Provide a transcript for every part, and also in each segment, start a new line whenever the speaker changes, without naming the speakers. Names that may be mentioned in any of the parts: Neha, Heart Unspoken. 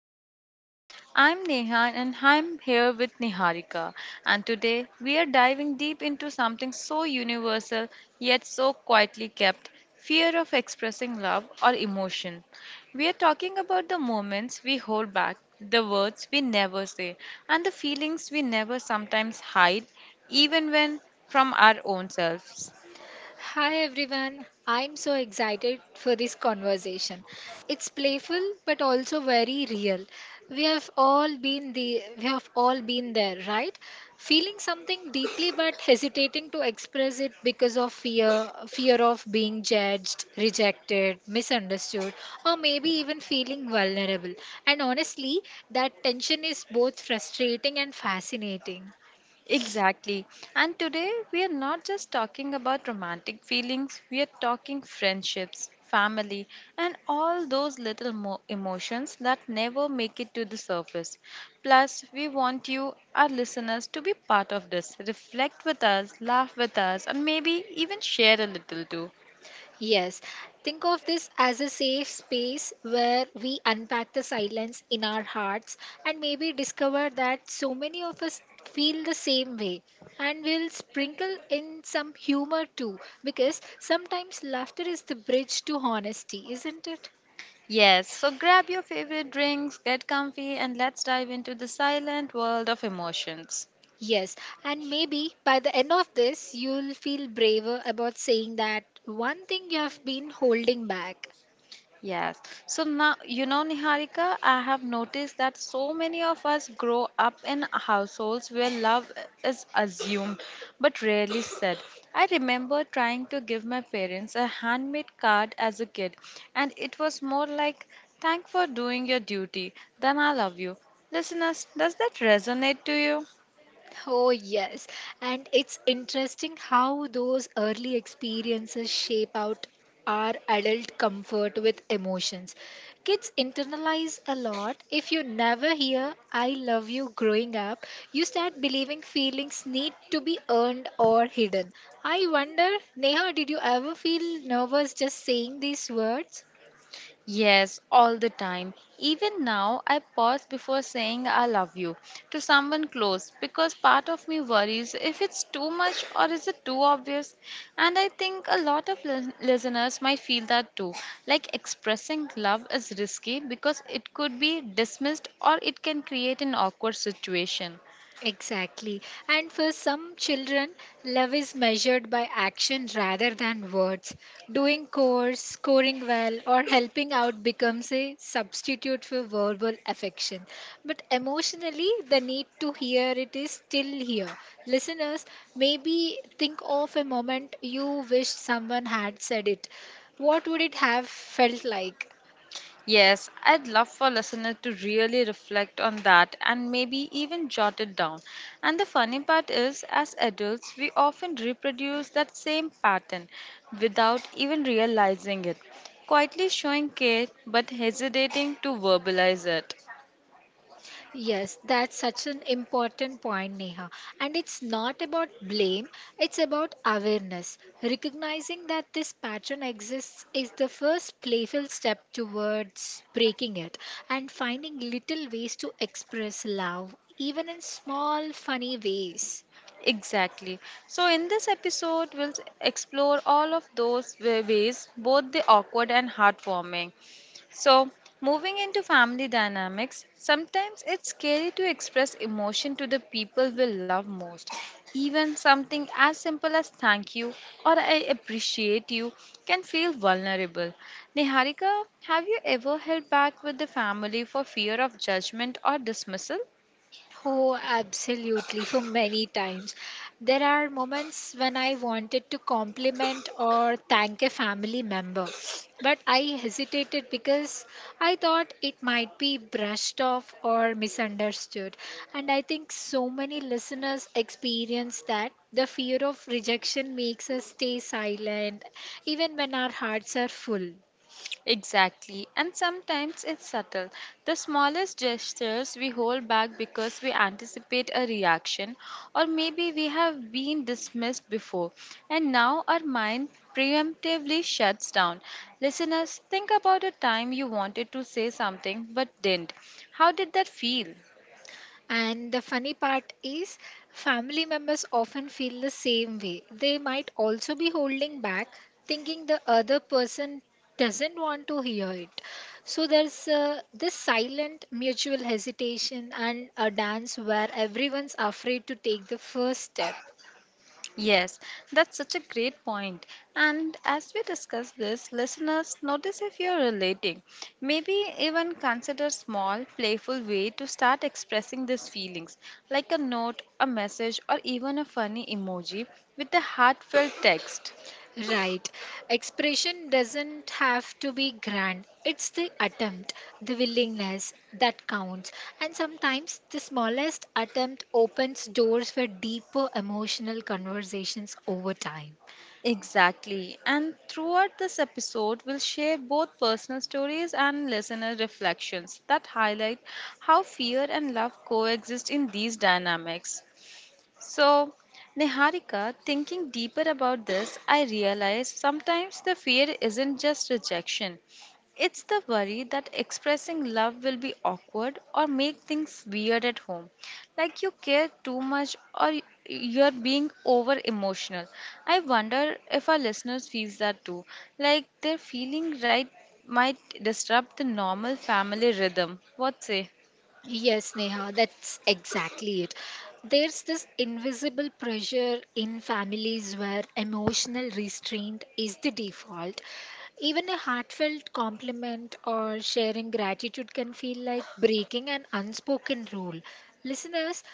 Unspoken. I'm Neha and I'm here with Niharika, and today we are diving deep into something so universal yet so quietly kept fear of expressing love or emotion. We are talking about the moments we hold back, the words we never say, and the feelings we never sometimes hide, even when from our own selves.
Hi everyone, I'm so excited for this conversation. It's playful but also very real. We have all been the we have all been there, right? Feeling something deeply but hesitating to express it because of fear, fear of being judged, rejected, misunderstood, or maybe even feeling vulnerable. And honestly, that tension is both frustrating and fascinating.
Exactly. And today we are not just talking about romantic feelings, we are talking friendships, family, and all those little emotions that never make it to the surface. Plus, we want you, our listeners, to be part of this. Reflect with us, laugh with us, and maybe even share a little too.
Yes, think of this as a safe space where we unpack the silence in our hearts and maybe discover that so many of us feel the same way. And we'll sprinkle in some humor too, because sometimes laughter is the bridge to honesty, isn't it?
Yes, so grab your favorite drinks, get comfy, and let's dive into the silent world of emotions.
Yes, and maybe by the end of this, you'll feel braver about saying that one thing you have been holding back.
Yes. So now, you know, Niharika, I have noticed that so many of us grow up in households where love is assumed but rarely said. I remember trying to give my parents a handmade card as a kid, and it was more like, thank for doing your duty than I love you. Listeners, does that resonate to you?
Oh, yes. And it's interesting how those early experiences shape out our adult comfort with emotions. Kids internalize a lot. If you never hear, I love you growing up, you start believing feelings need to be earned or hidden. I wonder, Neha, did you ever feel nervous just saying these words?
Yes, all the time. Even now, I pause before saying I love you to someone close because part of me worries if it's too much or is it too obvious. And I think a lot of listeners might feel that too. Like expressing love is risky because it could be dismissed or it can create an awkward situation.
Exactly. And for some children, love is measured by action rather than words. Doing chores, scoring well, or helping out becomes a substitute for verbal affection. But emotionally, the need to hear it is still here. Listeners, maybe think of a moment you wished someone had said it. What would it have felt like?
Yes, I'd love for listener to really reflect on that and maybe even jot it down. And the funny part is, as adults, we often reproduce that same pattern without even realizing it, quietly showing care but hesitating to verbalize it.
Yes, that's such an important point, Neha. And it's not about blame, it's about awareness. Recognizing that this pattern exists is the first playful step towards breaking it and finding little ways to express love, even in small, funny ways.
Exactly. So, in this episode, we'll explore all of those ways, both the awkward and heartwarming. So, moving into family dynamics, sometimes it's scary to express emotion to the people we love most. Even something as simple as thank you or I appreciate you can feel vulnerable. Niharika, have you ever held back with the family for fear of judgment or dismissal?
Oh, absolutely, for many times. There are moments when I wanted to compliment or thank a family member, but I hesitated because I thought it might be brushed off or misunderstood. And I think so many listeners experience that. The fear of rejection makes us stay silent, even when our hearts are full.
Exactly, and sometimes it's subtle. The smallest gestures we hold back because we anticipate a reaction, or maybe we have been dismissed before, and now our mind preemptively shuts down. Listeners, think about a time you wanted to say something but didn't. How did that feel?
And the funny part is, family members often feel the same way. They might also be holding back, thinking the other person doesn't want to hear it. So there's this silent mutual hesitation and a dance where everyone's afraid to take the first step.
Yes, that's such a great point. And as we discuss this, listeners, notice if you're relating. Maybe even consider small, playful way to start expressing these feelings, like a note, a message, or even a funny emoji with a heartfelt text.
Right. Expression doesn't have to be grand. It's the attempt, the willingness that counts. And sometimes the smallest attempt opens doors for deeper emotional conversations over time.
Exactly. And throughout this episode, we'll share both personal stories and listener reflections that highlight how fear and love coexist in these dynamics. So, Niharika, thinking deeper about this, I realized sometimes the fear isn't just rejection. It's the worry that expressing love will be awkward or make things weird at home. Like you care too much or you're being over emotional. I wonder if our listeners feels that too. Like their feeling right might disrupt the normal family rhythm. What say?
Yes, Neha, that's exactly it. There's this invisible pressure in families where emotional restraint is the default. Even a heartfelt compliment or sharing gratitude can feel like breaking an unspoken rule. Listeners,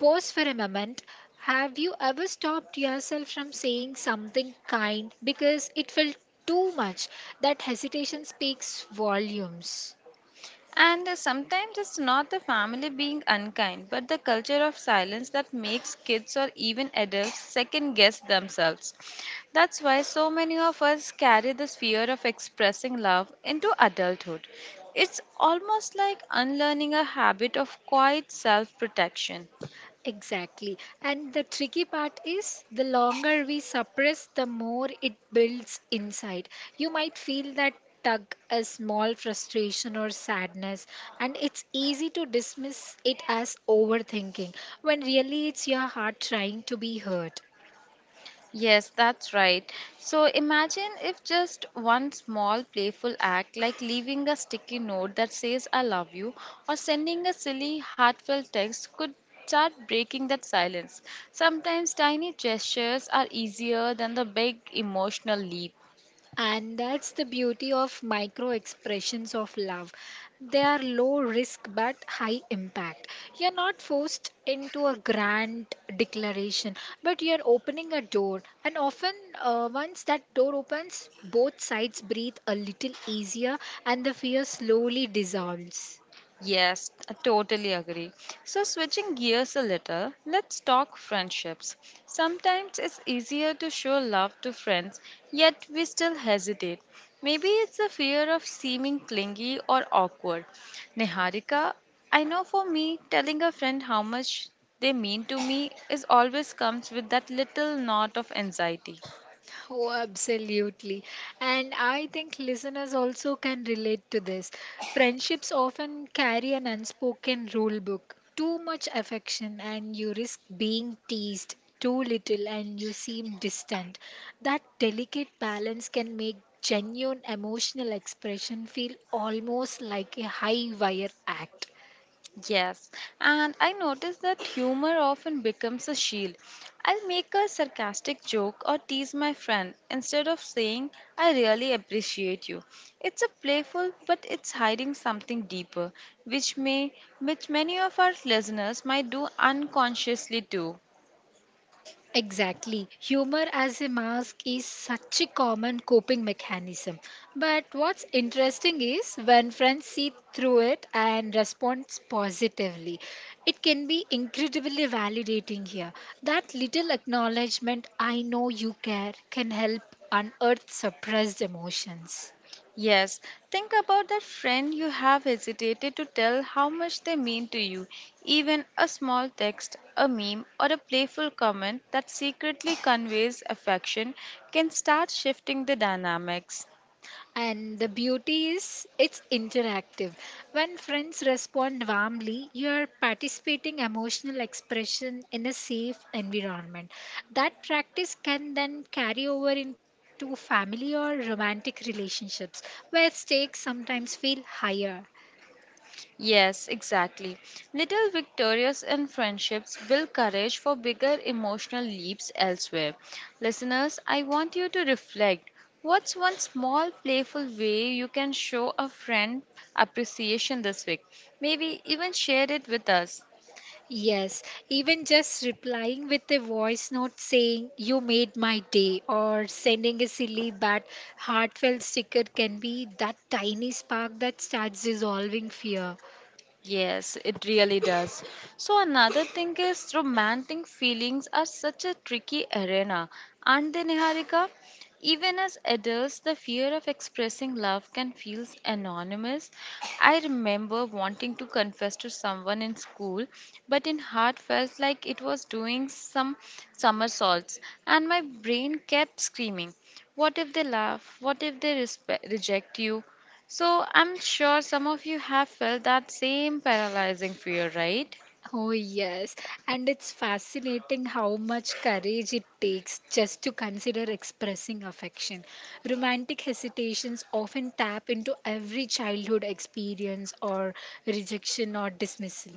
pause for a moment. Have you ever stopped yourself from saying something kind because it felt too much? That hesitation speaks volumes.
And Sometimes it's not the family being unkind, but the culture of silence that makes kids or even adults second guess themselves. That's why so many of us carry this fear of expressing love into adulthood. It's almost like unlearning a habit of quiet self protection.
Exactly. And the tricky part is the longer we suppress, the more it builds inside. You might feel that tug, a small frustration or sadness, and it's easy to dismiss it as overthinking when really it's your heart trying to be heard.
Yes, that's right. So imagine if just one small playful act, like leaving a sticky note that says I love you, or sending a silly heartfelt text, could start breaking that silence. Sometimes tiny gestures are easier than the big emotional leap.
And that's the beauty of micro expressions of love. They are low risk but high impact. You're not forced into a grand declaration, but you're opening a door. And often, once that door opens, both sides breathe a little easier and the fear slowly dissolves.
Yes, I totally agree. So, switching gears a little, let's talk friendships. Sometimes it's easier to show love to friends, yet we still hesitate. Maybe it's the fear of seeming clingy or awkward. Niharika, I know for me, telling a friend how much they mean to me is always comes with that little knot of anxiety.
Oh, absolutely. And I think listeners also can relate to this. Friendships often carry an unspoken rule book. Too much affection, and you risk being teased. Too little, and you seem distant. That delicate balance can make genuine emotional expression feel almost like a high wire act.
Yes, and I notice that humor often becomes a shield. I'll make a sarcastic joke or tease my friend instead of saying, I really appreciate you. It's a playful, but it's hiding something deeper, which many of our listeners might do unconsciously too.
Exactly. Humor as a mask is such a common coping mechanism. But what's interesting is when friends see through it and respond positively, it can be incredibly validating here. That little acknowledgement, I know you care, can help unearth suppressed emotions.
Yes, think about that friend you have hesitated to tell how much they mean to you. Even a small text, a meme, or a playful comment that secretly conveys affection can start shifting the dynamics.
And the beauty is it's interactive. When friends respond warmly, you are participating emotional expression in a safe environment. That practice can then carry over into family or romantic relationships where stakes sometimes feel higher.
Yes, exactly. Little victorious in friendships build courage for bigger emotional leaps elsewhere. Listeners, I want you to reflect. What's one small playful way you can show a friend appreciation this week? Maybe even share it with us.
Yes, even just replying with a voice note saying, You made my day, or sending a silly but heartfelt sticker can be that tiny spark that starts dissolving fear.
Yes, it really does. So, another thing is romantic feelings are such a tricky arena, aren't they, Niharika? Even as adults, the fear of expressing love can feel anonymous. I remember wanting to confess to someone in school, but in heart felt like it was doing some somersaults, and my brain kept screaming, what if they laugh? What if they reject you? So I'm sure some of you have felt that same paralyzing fear, right?
Oh, yes. And it's fascinating how much courage it takes just to consider expressing affection. Romantic hesitations often tap into every childhood experience or rejection or dismissal.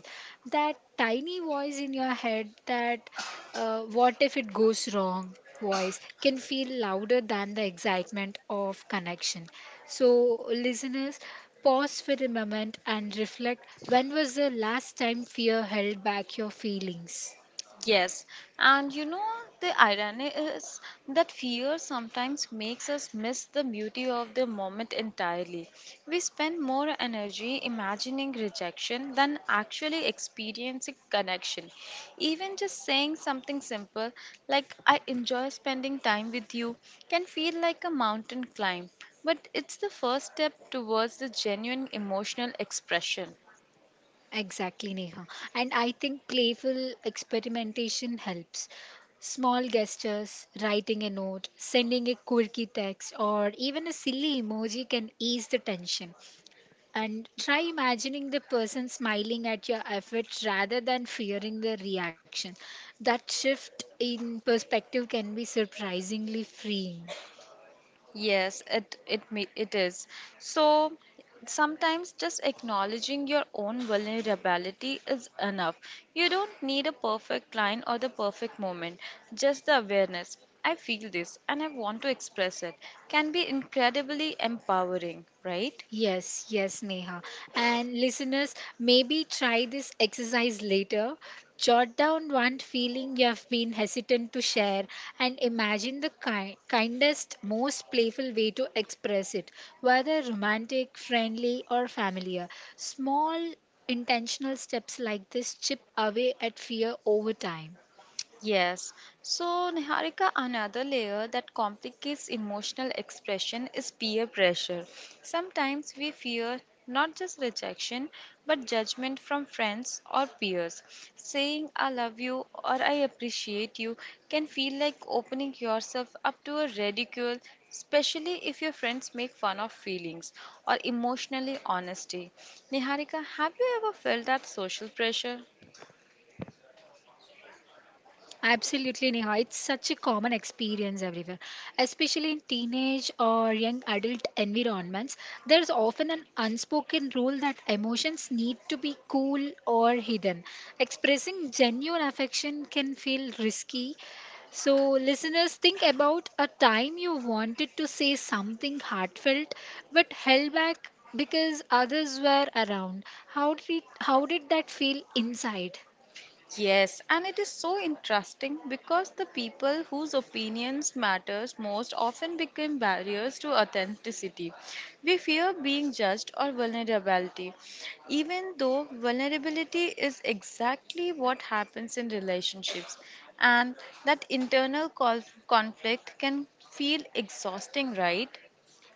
That tiny voice in your head that, what if it goes wrong? Voice can feel louder than the excitement of connection. So, listeners, pause for a moment and reflect when was the last time fear held back your feelings?
Yes, and you know the irony is that fear sometimes makes us miss the beauty of the moment entirely. We spend more energy imagining rejection than actually experiencing connection. Even just saying something simple like, I enjoy spending time with you, can feel like a mountain climb, but it's the first step towards the genuine emotional expression.
Exactly, Neha. And I think playful experimentation helps. Small gestures, writing a note, sending a quirky text, or even a silly emoji can ease the tension. And try imagining the person smiling at your efforts rather than fearing the reaction. That shift in perspective can be surprisingly freeing.
Yes, it is. So sometimes just acknowledging your own vulnerability is enough. You don't need a perfect line or the perfect moment. Just the awareness. I feel this and I want to express it can be incredibly empowering, right?
Yes, yes, Neha. And listeners, maybe try this exercise later. Jot down one feeling you have been hesitant to share and imagine the kindest, most playful way to express it, whether romantic, friendly, or familiar. Small intentional steps like this chip away at fear over time.
Yes. So, Niharika, another layer that complicates emotional expression is peer pressure. Sometimes we fear not just rejection, but judgment from friends or peers. Saying I love you or I appreciate you can feel like opening yourself up to a ridicule, especially if your friends make fun of feelings or emotionally honesty. Niharika, have you ever felt that social pressure?
Absolutely, Neha. It's such a common experience everywhere, especially in teenage or young adult environments. There's often an unspoken rule that emotions need to be cool or hidden. Expressing genuine affection can feel risky. So, listeners, think about a time you wanted to say something heartfelt but held back because others were around. How did that feel inside?
Yes, and it is so interesting because the people whose opinions matters most often become barriers to authenticity. We fear being judged or vulnerability, even though vulnerability is exactly what happens in relationships, and that internal conflict can feel exhausting, right?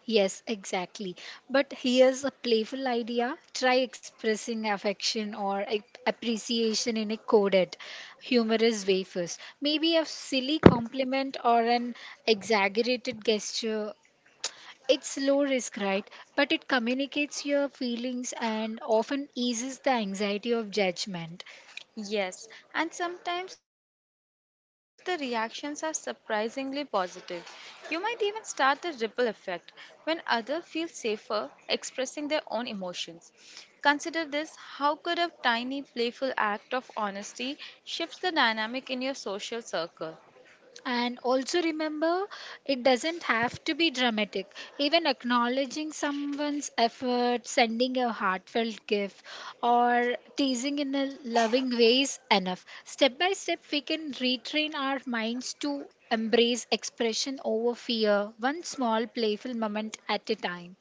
Yes, exactly. But here's a playful idea try expressing affection or appreciation in a coded, humorous way first. Maybe a silly compliment or an exaggerated gesture. It's low risk, right? But it communicates your feelings and often eases the anxiety of judgment.
Yes, and sometimes the reactions are surprisingly positive. You might even start a ripple effect when others feel safer expressing their own emotions. Consider this how could a tiny playful act of honesty shift the dynamic in your social circle?
And also remember, it doesn't have to be dramatic. Even acknowledging someone's effort, sending a heartfelt gift, or teasing in a loving way is enough. Step by step, we can retrain our minds to embrace expression over fear, one small playful moment at a time.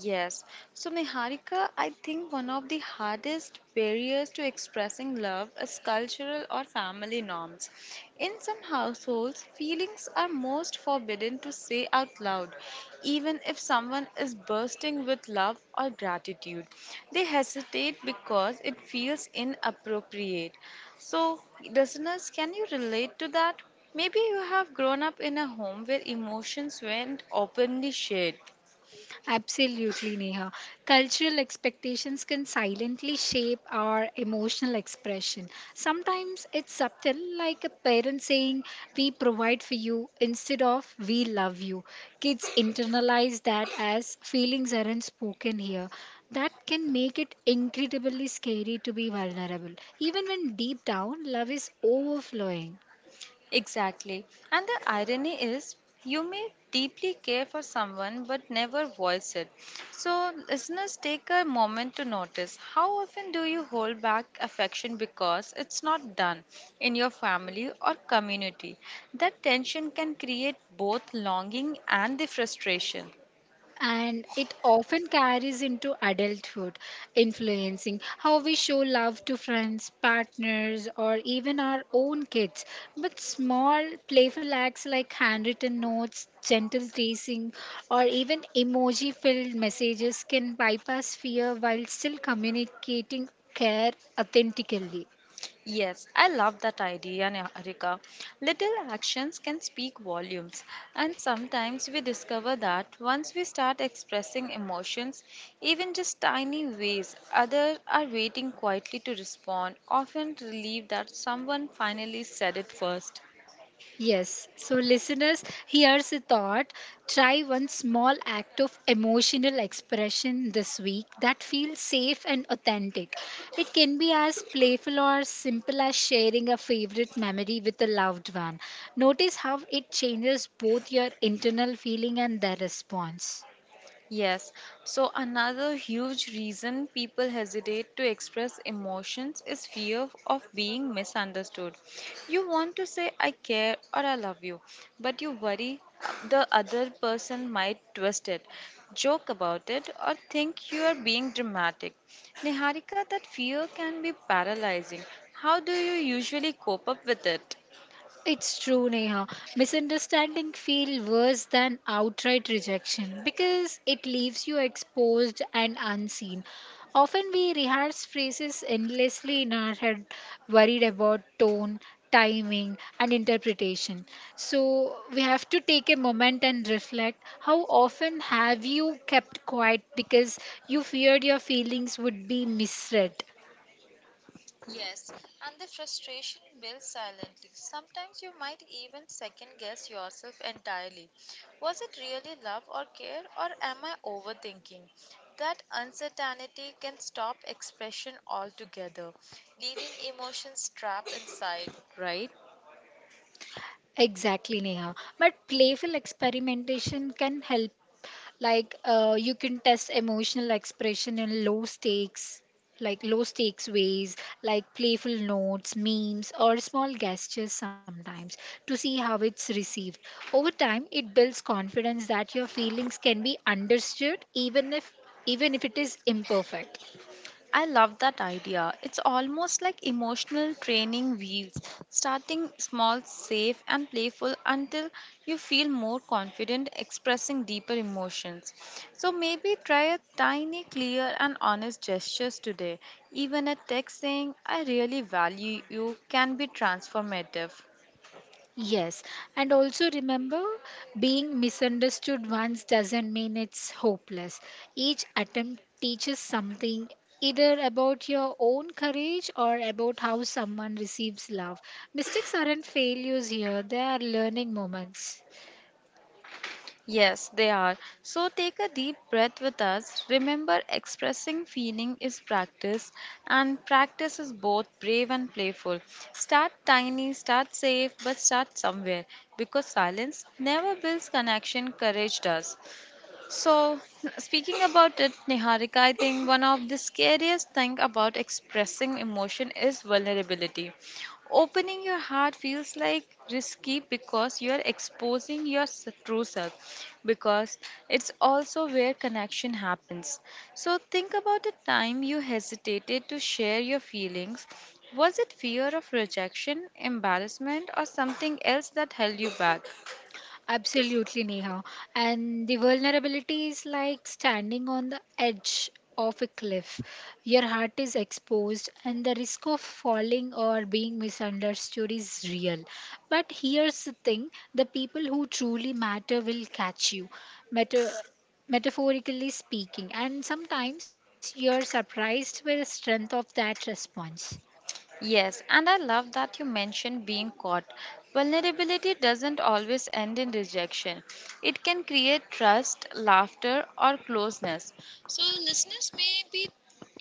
Yes. So, Niharika, I think one of the hardest barriers to expressing love is cultural or family norms. In some households, feelings are most forbidden to say out loud, even if someone is bursting with love or gratitude. They hesitate because it feels inappropriate. So, listeners, can you relate to that? Maybe you have grown up in a home where emotions weren't openly shared.
Absolutely, Neha. Cultural expectations can silently shape our emotional expression. Sometimes it's subtle, like a parent saying, We provide for you instead of We love you. Kids internalize that as feelings aren't spoken here. That can make it incredibly scary to be vulnerable, even when deep down love is overflowing.
Exactly. And the irony is, you may deeply care for someone but never voice it. So, listeners, take a moment to notice how often do you hold back affection because it's not done in your family or community? That tension can create both longing and the frustration.
And it often carries into adulthood, influencing how we show love to friends, partners, or even our own kids. But small, playful acts like handwritten notes, gentle tracing, or even emoji filled messages can bypass fear while still communicating care authentically.
Yes, I love that idea, Niharika. Little actions can speak volumes, and sometimes we discover that once we start expressing emotions, even just tiny ways, others are waiting quietly to respond, often relieved that someone finally said it first.
Yes. So, listeners, here's a thought. Try one small act of emotional expression this week that feels safe and authentic. It can be as playful or simple as sharing a favorite memory with a loved one. Notice how it changes both your internal feeling and their response.
Yes. So, another huge reason people hesitate to express emotions is fear of being misunderstood. You want to say, I care or I love you, but you worry the other person might twist it, joke about it, or think you are being dramatic. Niharika, that fear can be paralyzing. How do you usually cope up with it?
It's true, Neha. Misunderstanding feel worse than outright rejection because it leaves you exposed and unseen. Often we rehearse phrases endlessly in our head, worried about tone, timing, and interpretation. So we have to take a moment and reflect. How often have you kept quiet because you feared your feelings would be misread?
Yes, and the frustration builds silently. Sometimes you might even second guess yourself entirely. Was it really love or care, or am I overthinking? That uncertainty can stop expression altogether, leaving emotions trapped inside, right?
Exactly, Neha. But playful experimentation can help Like you can test emotional expression in low stakes, like low stakes ways, like playful notes, memes, or small gestures sometimes to see how it's received. Over time, it builds confidence that your feelings can be understood even if it is imperfect.
I love that idea. It's almost like emotional training wheels, starting small, safe, and playful until you feel more confident expressing deeper emotions. So maybe try a tiny, clear, and honest gestures today. Even a texting, I really value you, can be transformative.
Yes, and also remember being misunderstood once doesn't mean it's hopeless. Each attempt teaches something either about your own courage or about how someone receives love. Mistakes aren't failures here, they are learning moments.
Yes, they are. So take a deep breath with us. Remember, expressing feeling is practice, and practice is both brave and playful. Start tiny, start safe, but start somewhere because silence never builds connection, courage does. So, speaking about it, Niharika, I think one of the scariest thing about expressing emotion is vulnerability. Opening your heart feels like risky because you are exposing your true self because it's also where connection happens. So, think about a time you hesitated to share your feelings. Was it fear of rejection, embarrassment, or something else that held you back?
Absolutely, Neha. And the vulnerability is like standing on the edge of a cliff. Your heart is exposed, and the risk of falling or being misunderstood is real. But here's the thing the people who truly matter will catch you. Matter. Metaphorically speaking, and sometimes you're surprised by the strength of that response.
Yes, and I love that you mentioned being caught. Vulnerability doesn't always end in rejection, it can create trust, laughter, or closeness. So, listeners, maybe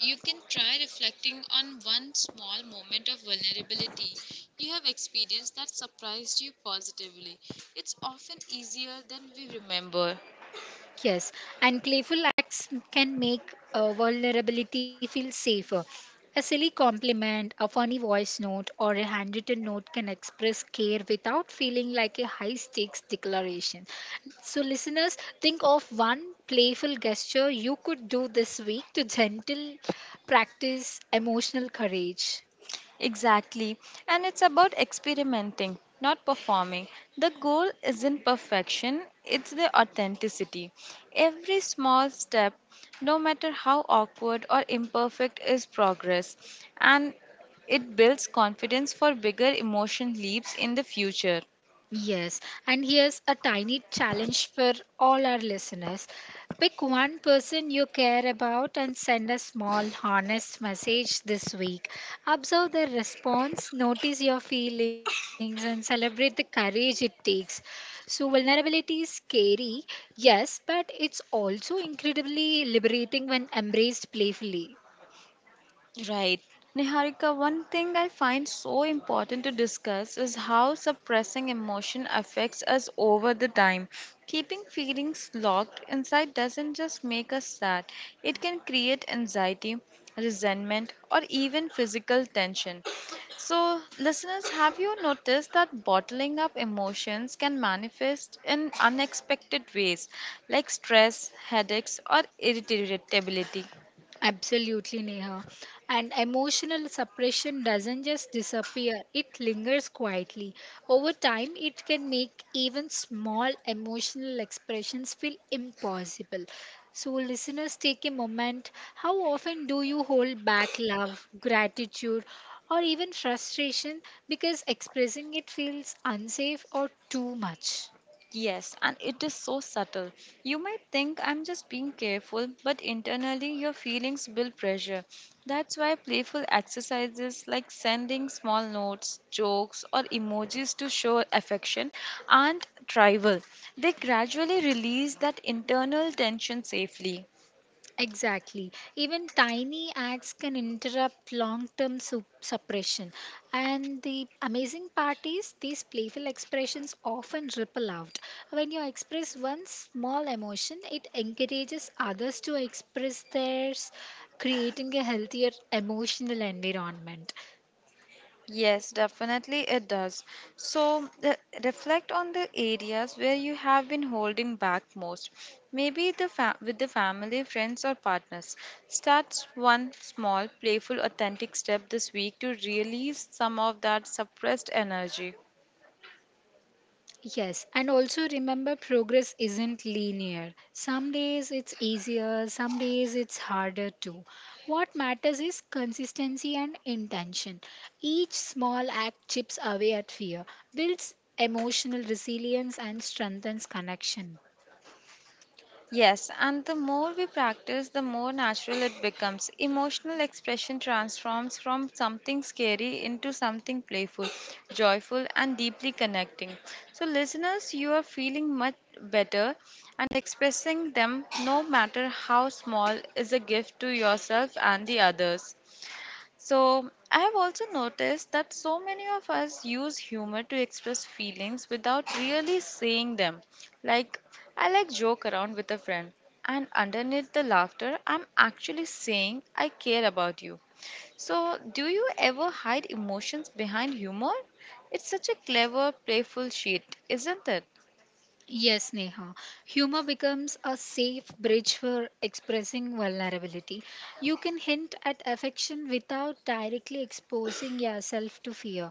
you can try reflecting on one small moment of vulnerability you have experienced that surprised you positively. It's often easier than we remember.
Yes, and playful acts can make vulnerability feel safer. A silly compliment, a funny voice note, or a handwritten note can express care without feeling like a high stakes declaration. So, listeners, think of one playful gesture you could do this week to gentle practice emotional courage.
Exactly. And it's about experimenting, not performing. The goal isn't perfection, it's the authenticity. Every small step, no matter how awkward or imperfect, is progress. And it builds confidence for bigger emotion leaps in the future.
Yes, and here's a tiny challenge for all our listeners. Pick one person you care about and send a small, honest message this week. Observe their response, notice your feelings, and celebrate the courage it takes. So, vulnerability is scary, yes, but it's also incredibly liberating when embraced playfully.
Right. Niharika, one thing I find so important to discuss is how suppressing emotion affects us over the time. Keeping feelings locked inside doesn't just make us sad, it can create anxiety, resentment, or even physical tension. So, listeners, have you noticed that bottling up emotions can manifest in unexpected ways like stress, headaches, or irritability?
Absolutely, Neha. And emotional suppression doesn't just disappear, it lingers quietly. Over time, it can make even small emotional expressions feel impossible. So, listeners, take a moment. How often do you hold back love, gratitude, or even frustration because expressing it feels unsafe or too much?
Yes, and it is so subtle. You might think I'm just being careful, but internally your feelings build pressure. That's why playful exercises like sending small notes, jokes, or emojis to show affection aren't trivial. They gradually release that internal tension safely.
Exactly. Even tiny acts can interrupt long term suppression. And the amazing part is, these playful expressions often ripple out. When you express one small emotion, it encourages others to express theirs, creating a healthier emotional environment.
Yes, definitely it does. So, reflect on the areas where you have been holding back most. Maybe the with the family, friends, or partners. Start one small, playful, authentic step this week to release some of that suppressed energy.
Yes, and also remember progress isn't linear. Some days it's easier, some days it's harder too. What matters is consistency and intention. Each small act chips away at fear, builds emotional resilience, and strengthens connection.
Yes, and the more we practice, the more natural it becomes. Emotional expression transforms from something scary into something playful, joyful, and deeply connecting. So, listeners, you are feeling much better, and expressing them, no matter how small, is a gift to yourself and the others. So, I have also noticed that so many of us use humor to express feelings without really saying them. Like, I like joke around with a friend, and underneath the laughter, I'm actually saying I care about you. So, do you ever hide emotions behind humor? It's such a clever, playful sheet, isn't it?
Yes, Neha. Humor becomes a safe bridge for expressing vulnerability. You can hint at affection without directly exposing yourself to fear.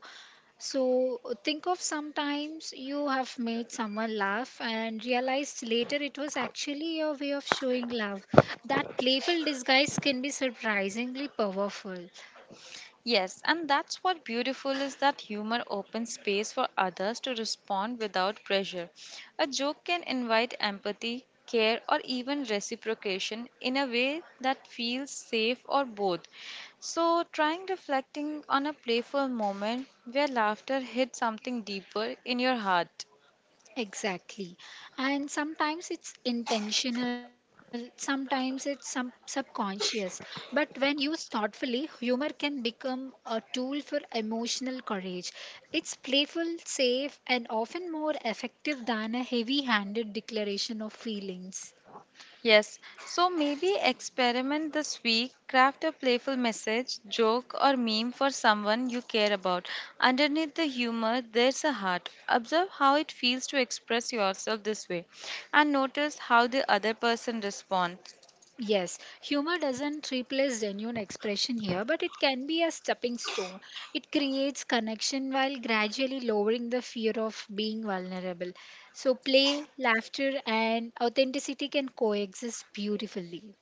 So think of sometimes you have made someone laugh and realized later it was actually your way of showing love. That playful disguise can be surprisingly powerful.
Yes, and that's what beautiful is that humor opens space for others to respond without pressure. A joke can invite empathy, care, or even reciprocation in a way that feels safe or both. So, trying reflecting on a playful moment where laughter hit something deeper in your heart.
Exactly. And sometimes it's intentional, sometimes it's some subconscious. But when used thoughtfully, humor can become a tool for emotional courage. It's playful, safe, and often more effective than a heavy handed declaration of feelings.
Yes, so maybe experiment this week. Craft a playful message, joke, or meme for someone you care about. Underneath the humor, there's a heart. Observe how it feels to express yourself this way and notice how the other person responds.
Yes, humor doesn't replace genuine expression here, but it can be a stepping stone. It creates connection while gradually lowering the fear of being vulnerable. So, play, laughter, and authenticity can coexist beautifully.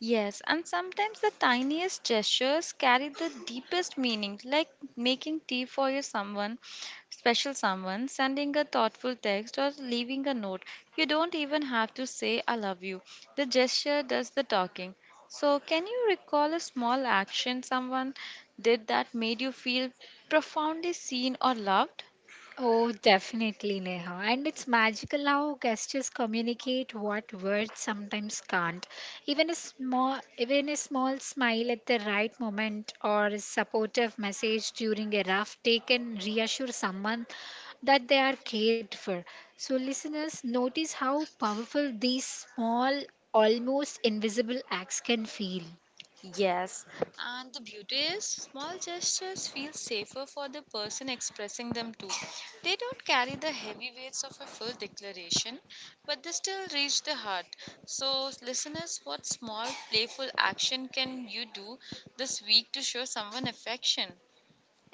Yes, and sometimes the tiniest gestures carry the deepest meaning, like making tea for your someone, special someone, sending a thoughtful text, or leaving a note. You don't even have to say, I love you. The gesture does the talking. So, can you recall a small action someone did that made you feel profoundly seen or loved?
Oh, definitely, Neha. And it's magical how gestures communicate what words sometimes can't. Even a small smile at the right moment or a supportive message during a rough day can reassure someone that they are cared for. So, listeners, notice how powerful these small, almost invisible acts can feel.
Yes, and the beauty is small gestures feel safer for the person expressing them too. They don't carry the heavy weights of a full declaration, but they still reach the heart. So, listeners, what small playful action can you do this week to show someone affection?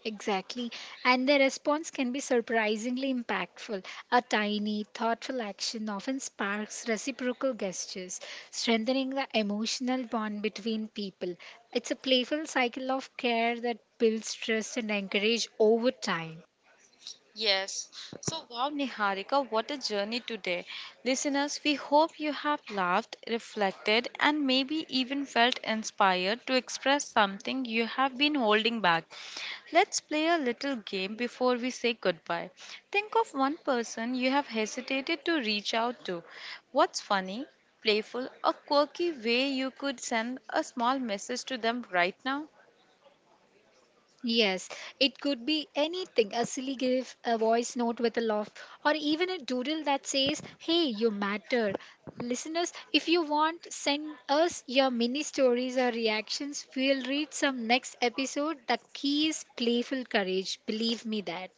Exactly. And the response can be surprisingly impactful. A tiny, thoughtful action often sparks reciprocal gestures, strengthening the emotional bond between people. It's a playful cycle of care that builds trust and encourage over time.
Yes. So, wow, Niharika, what a journey today. Listeners, we hope you have laughed, reflected, and maybe even felt inspired to express something you have been holding back. Let's play a little game before we say goodbye. Think of one person you have hesitated to reach out to. What's funny, playful, or quirky way you could send a small message to them right now?
Yes, it could be anything a silly gif, a voice note with a laugh, or even a doodle that says, Hey, you matter. Listeners, if you want, send us your mini stories or reactions. We'll read some next episode. The key is playful courage. Believe me that.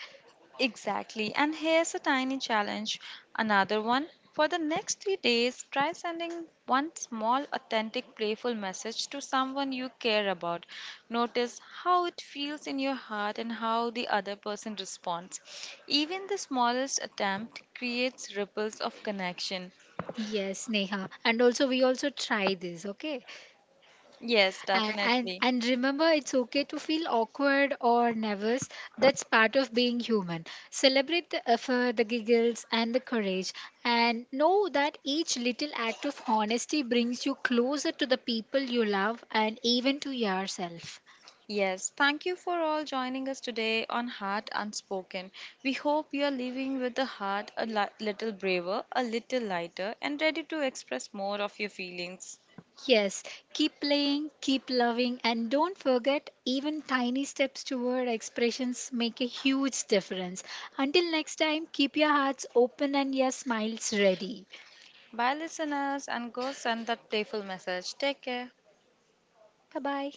Exactly. And here's a tiny challenge. Another one. For the next 3 days, try sending one small, authentic, playful message to someone you care about. Notice how it feels in your heart and how the other person responds. Even the smallest attempt creates ripples of connection.
Yes, Neha. And also, we also try this, okay?
Yes,
A- And,
definitely.
and remember, it's okay to feel awkward or nervous. That's part of being human. Celebrate the effort, the giggles, and the courage. And know that each little act of honesty brings you closer to the people you love and even to yourself.
Yes, thank you for all joining us today on Heart Unspoken. We hope you are leaving with a heart a little braver, a little lighter, and ready to express more of your feelings.
Yes, keep playing, keep loving, and don't forget even tiny steps toward expressions make a huge difference. Until next time, keep your hearts open and your smiles ready.
Bye, listeners, and go send that playful message. Take care.
Bye bye.